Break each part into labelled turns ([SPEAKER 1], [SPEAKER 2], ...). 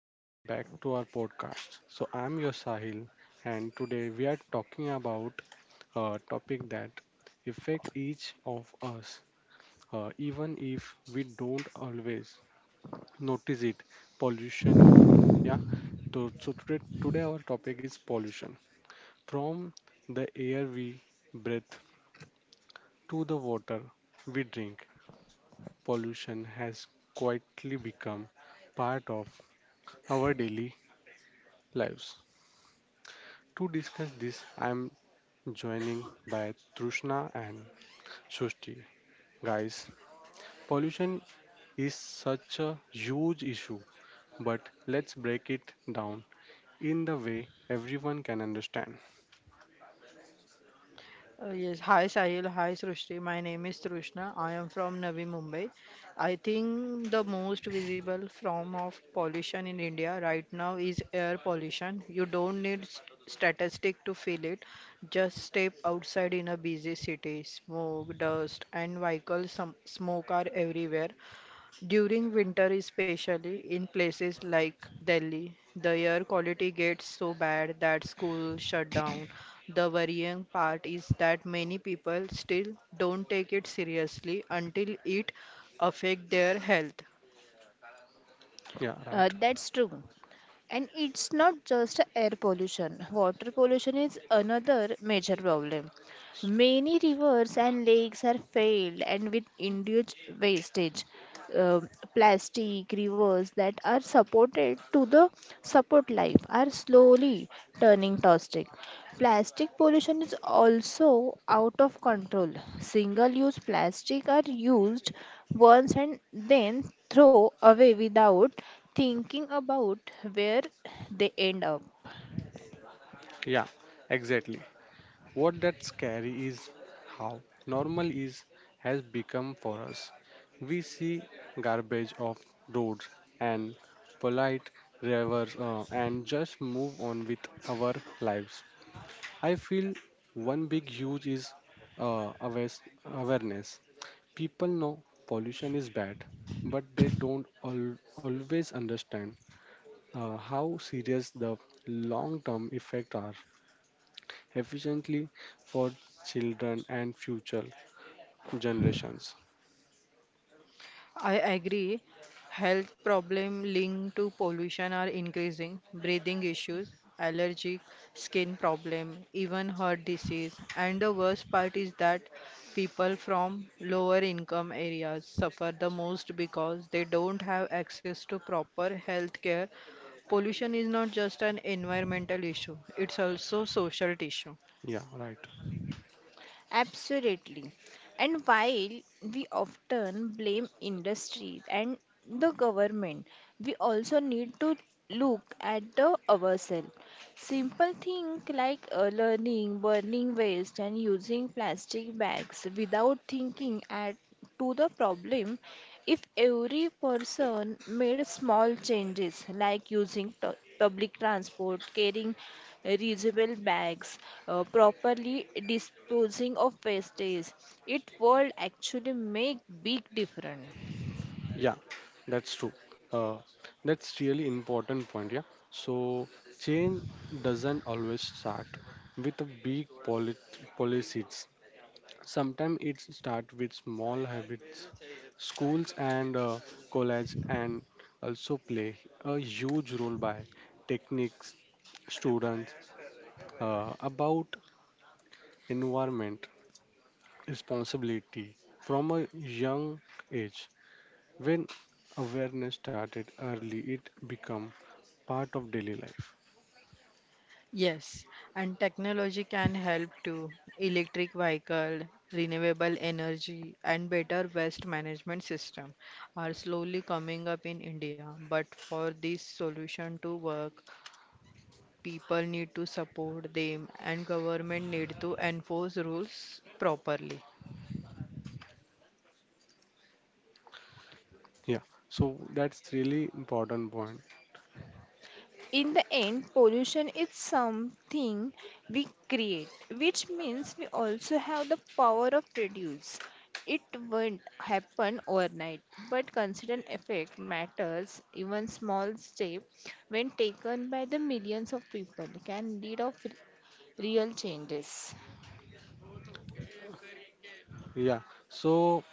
[SPEAKER 1] Welcome back to our podcast. So I'm your Sahil and today we are talking about a topic that affect each of us, even if we don't always notice it. Pollution, yeah. So today, our topic is pollution. From the air we breathe to the water we drink, pollution has quietly become part of our daily lives. To discuss this, I am joining by Trushna and Shushti. Guys, pollution is such a huge issue, but let's break it down in the way everyone can understand.
[SPEAKER 2] Yes, hi Sahil, hi Srushti. My name is Trishna. I am from Navi Mumbai. I think the most visible form of pollution in India right now is air pollution. You don't need statistic to feel it. Just step outside in a busy city. Smoke, dust, and vehicle smoke are everywhere. During winter, especially in places like Delhi, the air quality gets so bad that schools shut down. The worrying part is that many people still don't take it seriously until it affects their health.
[SPEAKER 1] Yeah, right.
[SPEAKER 3] That's true. And it's not just air pollution. Water pollution is another major problem. Many rivers and lakes are filled and with induced wastage, uh, plastic rivers that are supported to the support life are slowly turning toxic. Plastic pollution is also out of control. Single-use plastic are used once and then throw away without thinking about where they end up.
[SPEAKER 1] Yeah, exactly. What that's scary is how normal is has become for us. We see garbage off roads and polite rivers, and just move on with our lives. I feel one big huge is awareness. People know pollution is bad, but they don't always understand, how serious the long-term effects are efficiently for children and future generations.
[SPEAKER 2] I agree. Health problems linked to pollution are increasing. Breathing issues, allergic skin problem, even heart disease. And the worst part is that people from lower income areas suffer the most because they don't have access to proper health care. Pollution is not just an environmental issue, it's also social issue.
[SPEAKER 1] Yeah, right.
[SPEAKER 3] Absolutely. And while we often blame industry and the government, we also need to look at the ourselves. Simple things like learning, burning waste, and using plastic bags without thinking at to the problem. If every person made small changes like using public transport, carrying reusable bags, properly disposing of wastage, it would actually make big difference.
[SPEAKER 1] Yeah, that's true. Uh, that's really important point. Yeah. So change doesn't always start with a big policies. Sometimes it starts with small habits. Schools and college and also play a huge role by techniques students, about environment responsibility from a young age. When awareness started early, it become part of daily life.
[SPEAKER 2] Yes, and technology can help too. Electric vehicle, renewable energy, and better waste management system are slowly coming up in India. But for this solution to work, people need to support them, and government need to enforce rules properly.
[SPEAKER 1] Yeah, so that's really important point.
[SPEAKER 3] In the end, pollution is something we create, which means we also have the power of reduce. It won't happen overnight, but consistent effect matters. Even small step when taken by the millions of people can lead of real changes.
[SPEAKER 1] Yeah, so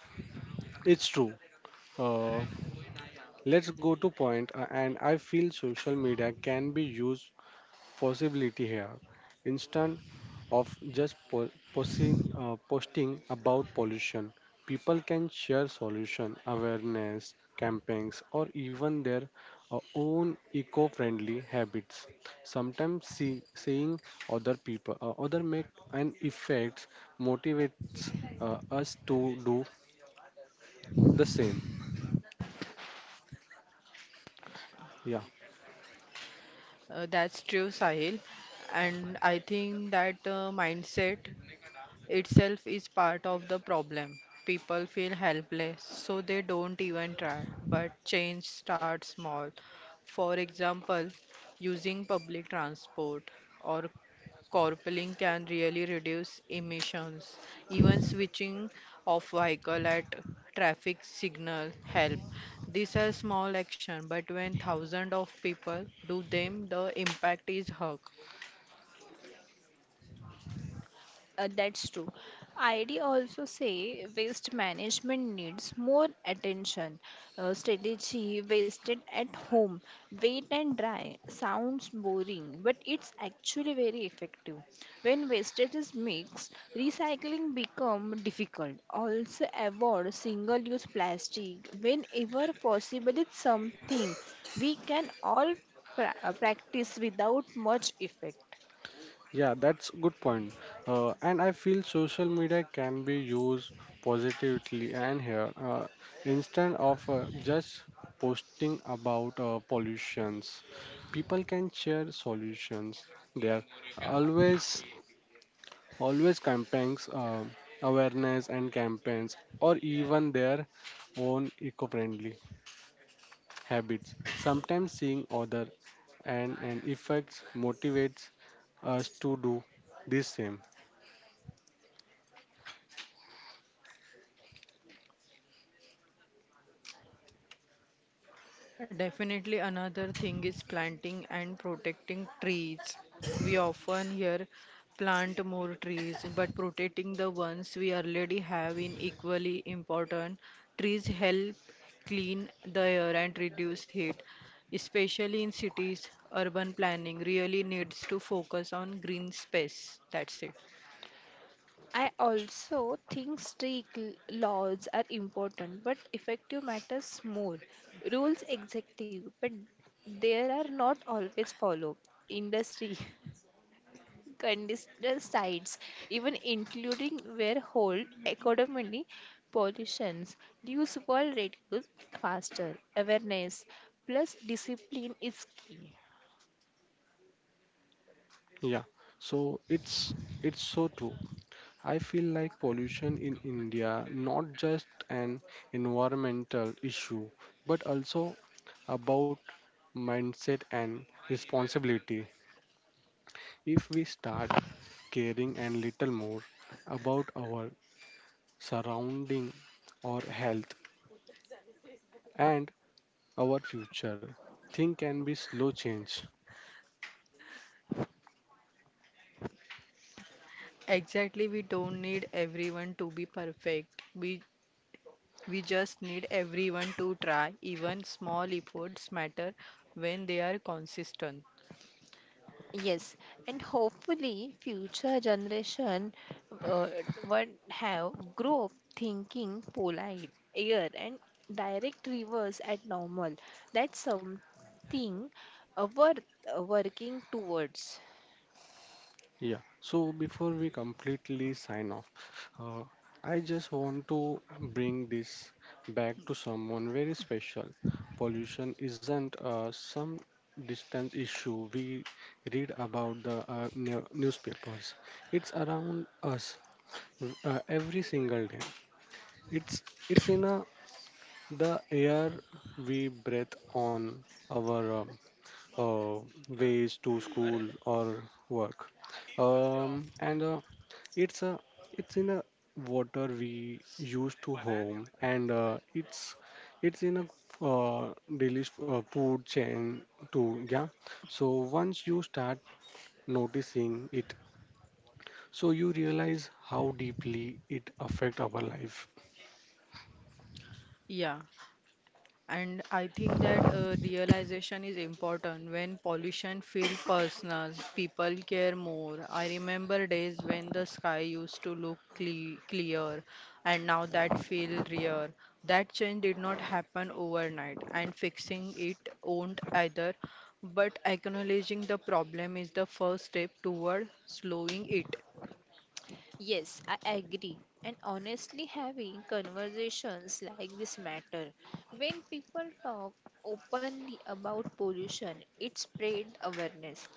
[SPEAKER 1] it's true. Uh, let's go to point, and I feel social media can be used possibility here. Instant. Of just posting, posting about pollution. People can share solution, awareness, campaigns, or even their, own eco-friendly habits. Sometimes seeing other people, other make an effect motivates us to do the same. Yeah.
[SPEAKER 2] That's true, Sahil. And I think that mindset itself is part of the problem. People feel helpless, so they don't even try. But change starts small. For example, using public transport or carpooling can really reduce emissions. Even switching off vehicle at traffic signal help. These are small action, but when thousands of people do them, the impact is huge.
[SPEAKER 3] That's true. ID also say waste management needs more attention. Strategy wasted at home, wait and dry sounds boring, but it's actually very effective. When wastage is mixed, recycling becomes difficult. Also avoid single-use plastic whenever possible. It's something we can all practice without much effect.
[SPEAKER 1] Yeah, that's good point. And I feel social media can be used positively and here, instead of just posting about, pollutions, people can share solutions. There are always campaigns, awareness and campaigns, or even their own eco-friendly habits. Sometimes seeing other and effects motivates us to do the same.
[SPEAKER 2] Definitely another thing is planting and protecting trees. We often hear plant more trees, but protecting the ones we already have is equally important. Trees help clean the air and reduce heat, especially in cities. Urban planning really needs to focus on green space. That's it.
[SPEAKER 3] I also think strict laws are important, but effective matters more. Rules executive, but there are not always followed. Industry, conditional sites, even including where hold economically pollutions, use will reduce faster. Awareness plus discipline is key.
[SPEAKER 1] Yeah, so it's so true. I feel like pollution in India not just an environmental issue, but also about mindset and responsibility. If we start caring and little more about our surrounding, our health and our future, thing can be slow change.
[SPEAKER 2] Exactly, we don't need everyone to be perfect. We just need everyone to try. Even small efforts matter when they are consistent.
[SPEAKER 3] Yes, and hopefully future generation uh, would have grow up thinking polite, air, and direct rivers at normal. That's something worth working towards.
[SPEAKER 1] Yeah, so before we completely sign off, uh, I just want to bring this back to someone very special. Pollution isn't, some distance issue we read about the, newspapers. It's around us, every single day. It's it's in a, the air we breathe on our, uh, ways to school or work. And It's a it's in a water we use to home, and it's in a, daily, food chain too. Yeah. So once you start noticing it, so you realize how deeply it affect our life.
[SPEAKER 2] Yeah, and I think that realization is important when pollution feel personal. People care more. I remember days when the sky used to look clear, and now that feel rare. That change did not happen overnight, and fixing it won't either. But acknowledging the problem is the first step toward slowing it.
[SPEAKER 3] Yes, I agree. And honestly, having conversations like this matter. When people talk openly about pollution, it spread awareness.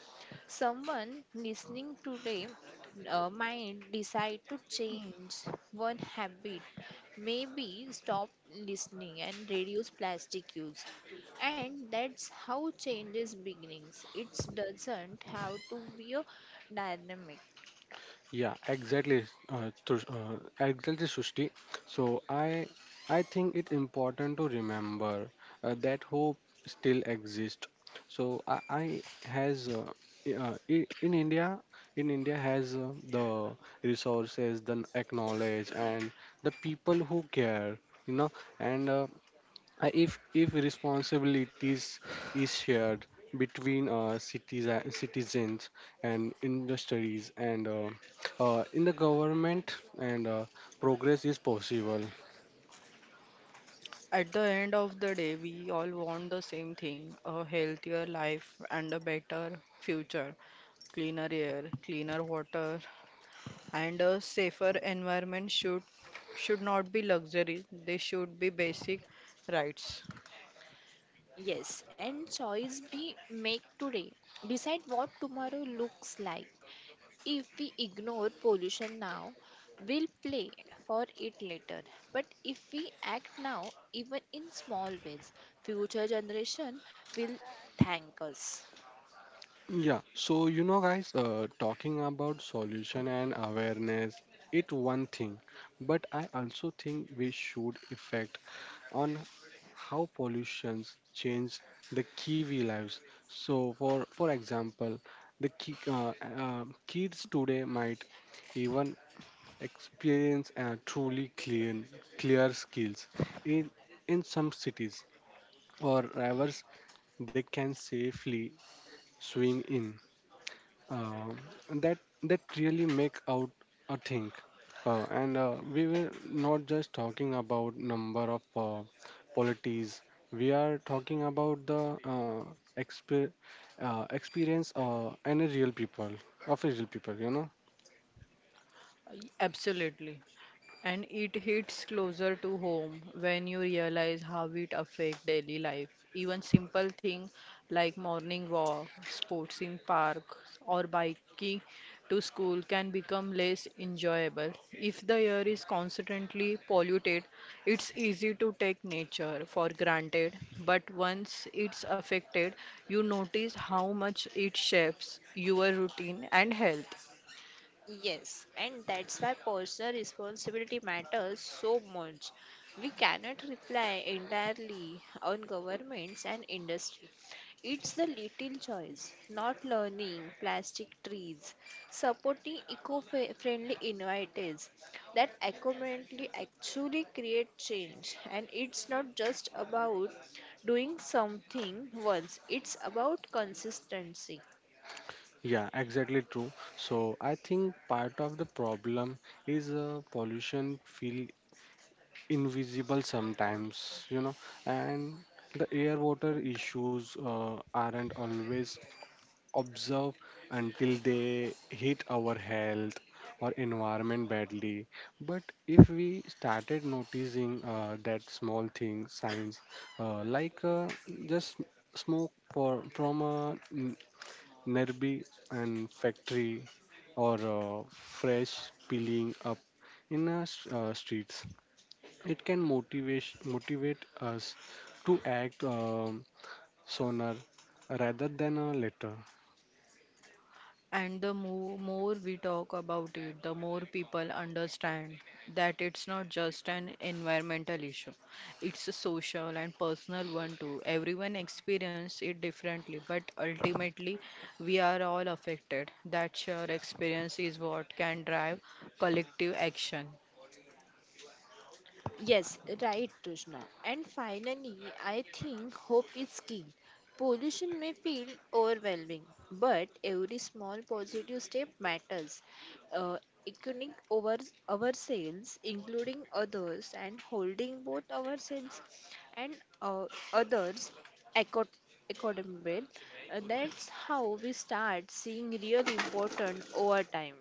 [SPEAKER 3] Someone listening today might decide to change one habit, maybe stop listening and reduce plastic use. And that's how changes beginnings. It doesn't have to be a dynamic.
[SPEAKER 1] Yeah, exactly, exactly, Shushti. So I think it's important to remember, that hope still exists. So I has I- in India has, the resources, the acknowledge, and the people who care. You know, and if responsibilities is shared between, citizens and industries and, in the government and, progress is possible.
[SPEAKER 2] At the end of the day, we all want the same thing, a healthier life and a better future, cleaner air, cleaner water, and a safer environment should not be luxury, they should be basic rights.
[SPEAKER 3] Yes, and choice be make today. Decide what tomorrow looks like. If we ignore pollution now, we'll play for it later. But if we act now, even in small ways, future generation will thank us.
[SPEAKER 1] Yeah, so you know, guys, talking about solution and awareness, it one thing, but I also think we should effect on how pollutions change the Kiwi lives. So, for example, the kids today might even experience, clear skills in some cities or rivers they can safely swim in, um, that really make out a thing, and we were not just talking about number of, polities. We are talking about the, exper- experience, and a real people, you know.
[SPEAKER 2] Absolutely. And it hits closer to home when you realize how it affects daily life. Even simple things like morning walk, sports in park, or biking to school can become less enjoyable. If the air is constantly polluted, it's easy to take nature for granted, but once it's affected, you notice how much it shapes your routine and health.
[SPEAKER 3] Yes, and that's why personal responsibility matters so much. We cannot rely entirely on governments and industry. It's the little choice, not learning plastic trees, supporting eco-friendly initiatives that accurately actually create change. And it's not just about doing something once; it's about consistency.
[SPEAKER 1] Yeah, exactly true. So I think part of the problem is, pollution feel invisible sometimes, you know. And the air water issues, aren't always observe until they hit our health or environment badly. But if we started noticing, that small thing, signs, uh, like uh, just from a nearby and factory or, fresh peeling up in our streets, it can motivate us to act, sooner rather than, later.
[SPEAKER 2] And the mo more we talk about it, the more people understand that it's not just an environmental issue. It's a social and personal one too. Everyone experiences it differently, but ultimately we are all affected. That shared experience is what can drive collective action.
[SPEAKER 3] Yes, right, Tushna. And finally, I think hope is key. Pollution may feel overwhelming, but every small positive step matters. Uh, Echoing over ourselves, including others, and holding both ourselves and uh, others accord- accordable. That's how we start seeing real important over time.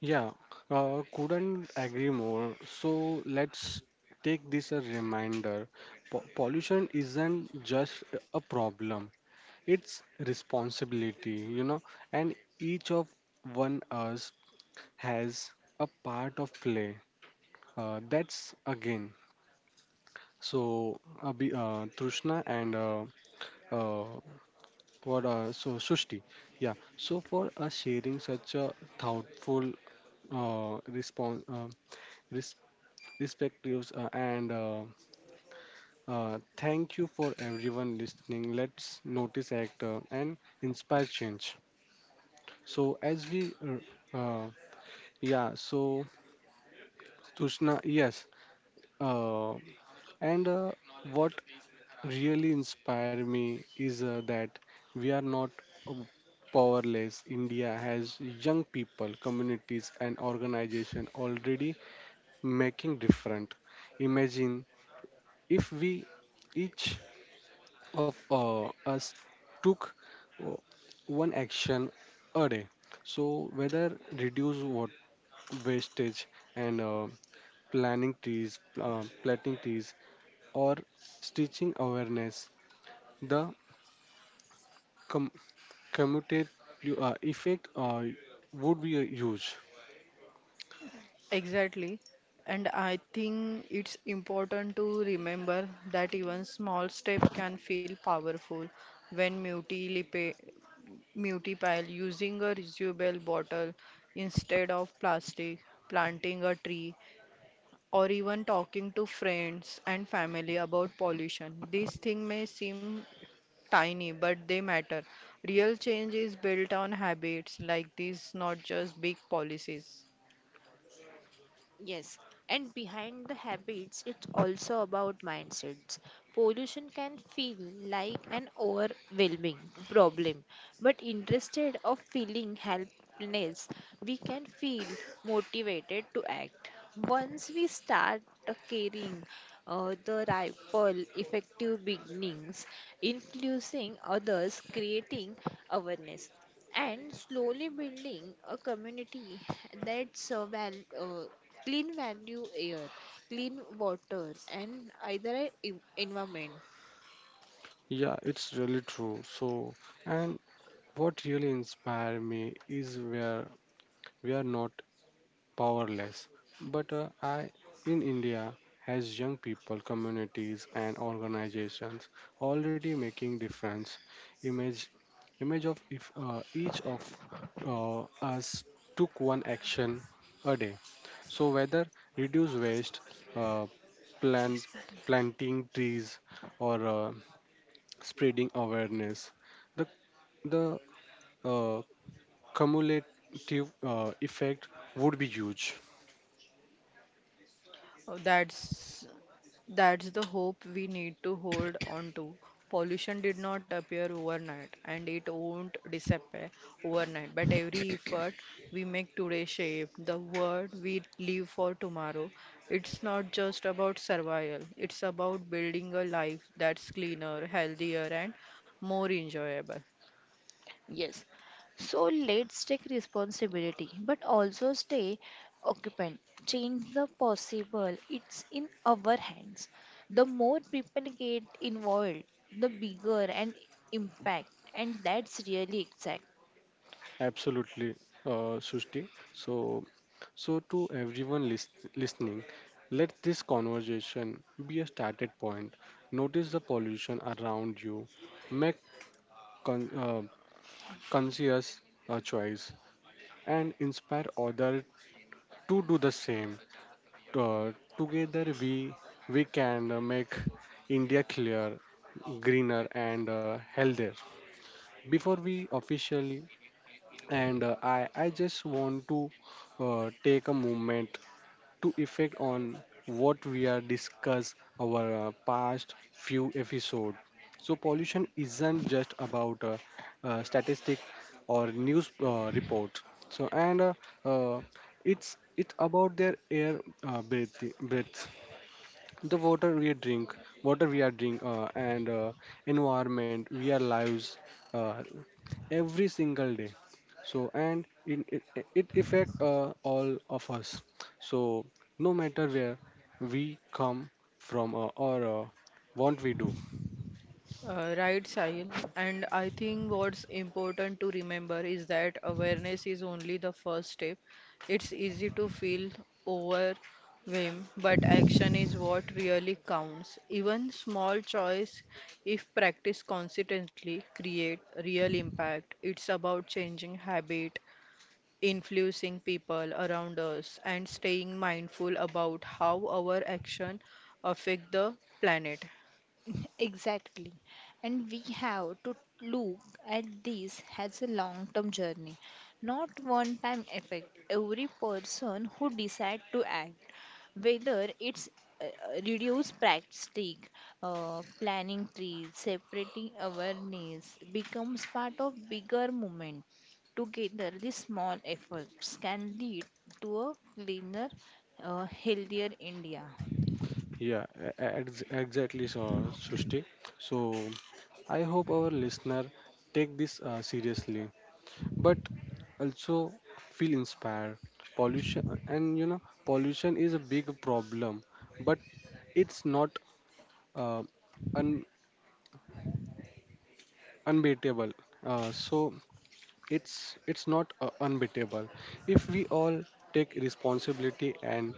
[SPEAKER 1] Yeah, couldn't agree more. So let's take this a reminder. Pollution isn't just a problem; it's responsibility, you know, and each of one us has a part of play. That's again. So, Abhi, Trishna and, uh, what? So Sushti. Yeah. So for us sharing such a thoughtful, response. Respectives, and thank you for everyone listening. Let's notice act, and inspire change. So as we, yeah, so Tushna yes, uh, and what really inspire me is, that we are not, uh, powerless. India has young people, communities, and organization already making different. Imagine if we each of, us took, uh, one action a day. So whether reduce what wastage and, planting trees, or stitching awareness, the com- commutative, effect, would be a huge.
[SPEAKER 2] Exactly. And I think it's important to remember that even small step can feel powerful when multiplied multipile using a reusable bottle instead of plastic, planting a tree, or even talking to friends and family about pollution. These things may seem tiny, but they matter. Real change is built on habits like these, not just big policies.
[SPEAKER 3] Yes, and behind the habits, it's also about mindsets. Pollution can feel like an overwhelming problem, but instead of feeling helpless, we can feel motivated to act. Once we start caring, the ripple effective beginnings, influencing others, creating awareness and slowly building a community that's clean value air, clean water, and either environment.
[SPEAKER 1] Yeah, it's really true. So, and what really inspired me is where we are not powerless. But in India, has young people, communities, and organizations already making difference. Image, Image of if, each of, us took one action a day. So whether reduce waste, uh, plant
[SPEAKER 2] This button.
[SPEAKER 1] planting trees, or, spreading awareness, the the uh, cumulative, effect would be huge.
[SPEAKER 2] Oh, that's the hope we need to hold on to. Pollution did not appear overnight and it won't disappear overnight, but every effort we make today shape the world we live for tomorrow. It's not just about survival, it's about building a life that's cleaner, healthier, and more enjoyable.
[SPEAKER 3] Yes. So let's take responsibility, but also stay occupant. Change the possible. It's in our hands. The more people get involved, the bigger an impact. And that's really.
[SPEAKER 1] Absolutely, Srushti. So, so to everyone listening, let this conversation be a started point. Notice the pollution around you, make con- uh, conscious, choice, and inspire others to do the same. Uh, Together, we can, make India clear, greener, and, healthier. Before we officially and, I just want to, take a moment to effect on what we are discuss our, past few episode. So pollution isn't just about, statistic or news, report. So and, uh, it's about their air, uh, breath, breath the water we are drink, and environment we are lives. Uh, every single day. So and it affect, all of us. So no matter where we come from, or what we do.
[SPEAKER 2] Right, Sahil. And I think what's important to remember is that awareness is only the first step. It's easy to feel overwhelmed, but action is what really counts. Even small choice, if practiced consistently, create real impact. It's about changing habit, influencing people around us, and staying mindful about how our action affect the planet.
[SPEAKER 3] Exactly. And we have to look at this as a long term journey, not one time effect. Every person who decides to act, whether it's reduce plastic, planning trees, separating awareness, becomes part of bigger movement. Together, these small efforts can lead to a cleaner, healthier India.
[SPEAKER 1] Exactly. So Shushti. So I hope our listener take this, seriously but also feel inspired. Pollution, and you know pollution is a big problem, but it's not, uh, unbeatable. So it's not, unbeatable. If we all take responsibility and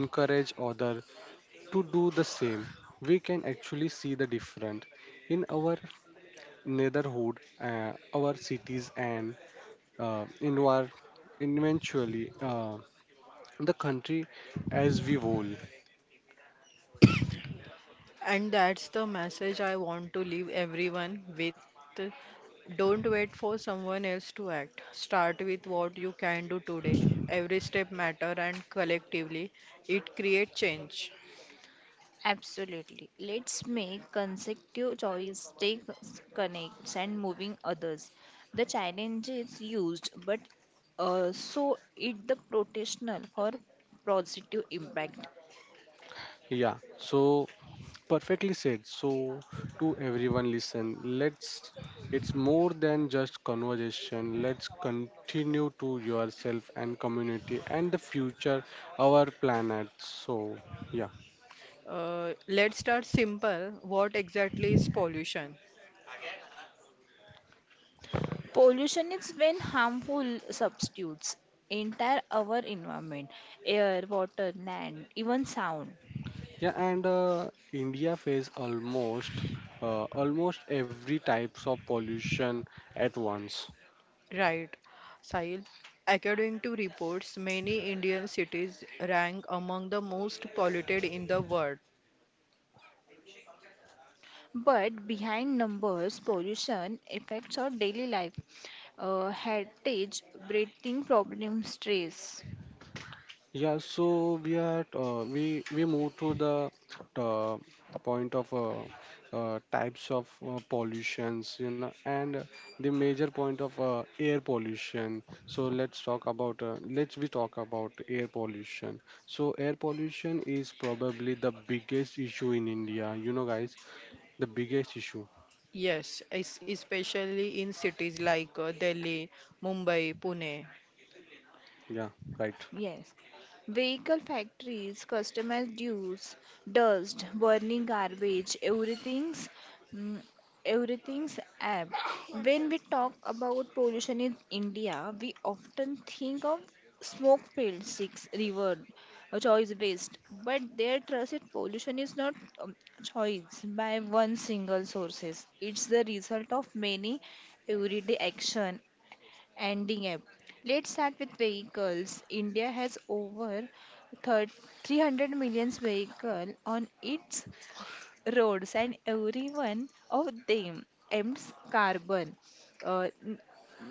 [SPEAKER 1] encourage other to do the same, we can actually see the difference in our neighborhood, our cities, and, in our eventually, the country as we whole.
[SPEAKER 2] And that's the message I want to leave everyone with. Don't wait for someone else to act. Start with what you can do today. Every step matter and collectively it creates change.
[SPEAKER 3] Absolutely. Let's make consecutive choice, take connects and moving others. The challenge is used, but so it the protectional for positive impact.
[SPEAKER 1] Yeah. So perfectly said. So, to everyone, listen. Let's. It's more than just conversation. Let's continue to yourself and community and the future, our planet. So, yeah,
[SPEAKER 2] Let's start simple. What exactly is pollution?
[SPEAKER 3] Pollution is when harmful substitutes entire our environment, air, water, land, even sound.
[SPEAKER 1] yeah. And India face almost every types of pollution at once.
[SPEAKER 2] Right. Sahil, according to reports, many Indian cities rank among the most polluted in the world.
[SPEAKER 3] But behind numbers, pollution affects our daily life, heritage, breathing problems, stress.
[SPEAKER 1] Yeah, so we are we move to the, uh, point of, types of, pollutions, you know, and the major point of, air pollution. So let's talk about, let's we talk about air pollution. So air pollution is probably the biggest issue in India, you know, guys, the biggest issue.
[SPEAKER 2] Yes, especially in cities like Delhi, Mumbai, Pune.
[SPEAKER 1] Yeah, right.
[SPEAKER 3] Yes. Vehicle factories, customer dues, dust, burning garbage, mm, everything's ab. When we talk about pollution in India, we often think of smoke filled six river choice waste, but their trusted pollution is not um, choice by one single sources. It's the result of many everyday action ending up. Let's start with vehicles. India has over thir- 300 million vehicles on its roads, and every one of them emits carbon. Uh, n-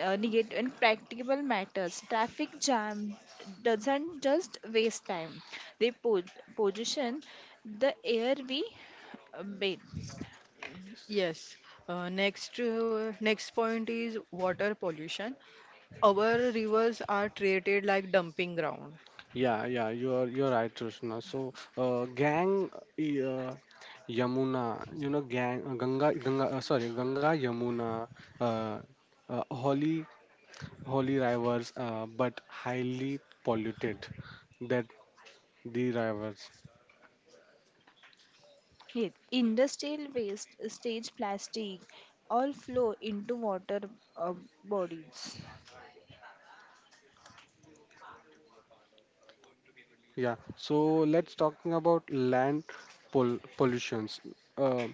[SPEAKER 3] Negative and practical matters. Traffic jam doesn't just waste time; they position the air we breathe.
[SPEAKER 2] Yes. Next point is water pollution. Our rivers are treated like dumping ground.
[SPEAKER 1] Yeah, yeah, you're right, Roshna. So, gang, Yamuna, you know, gang, Ganga, Ganga, sorry, Ganga, Yamuna, uh, uh, holy, holy rivers, but highly polluted. That the rivers.
[SPEAKER 3] Yes, industrial waste, stage plastic, all flow into water uh, bodies.
[SPEAKER 1] Yeah. So let's talking about land pollutions. Uh,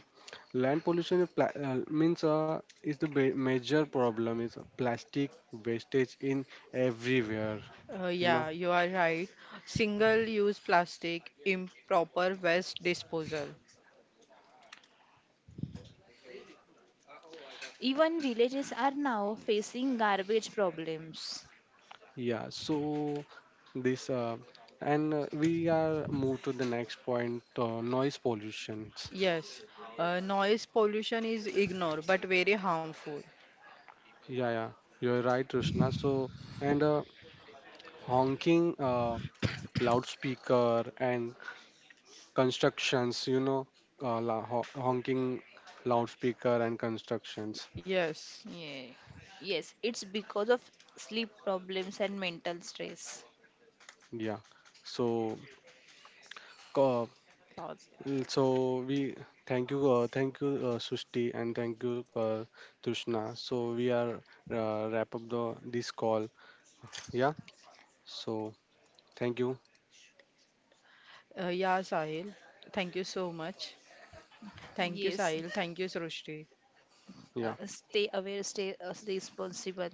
[SPEAKER 1] Land pollution is pla means is the ba major problem is plastic wastage in everywhere. You know.
[SPEAKER 2] Yeah, you are right. Single-use plastic, improper waste disposal.
[SPEAKER 3] Even villages are now facing garbage problems.
[SPEAKER 1] Yeah, so this, and we are moved to the next point, noise pollutions.
[SPEAKER 2] Yes. Noise pollution is ignored but very harmful.
[SPEAKER 1] Yeah, yeah, you're right, Rushna. So and, honking, loudspeaker and constructions. You know, honking loudspeaker and constructions.
[SPEAKER 2] Yes.
[SPEAKER 3] Yeah. Yes, it's because of sleep problems and mental stress.
[SPEAKER 1] Yeah. So uh,
[SPEAKER 3] Thoughts.
[SPEAKER 1] so we thank you, Sushti, and thank you, Tushna. So we are, wrap up the this call. Yeah. So thank you.
[SPEAKER 2] Yeah, Sahil. Thank you so much. Thank you,
[SPEAKER 3] Yes,
[SPEAKER 2] Sahil. Thank you, Srushti.
[SPEAKER 1] Yeah.
[SPEAKER 3] stay aware, stay responsible.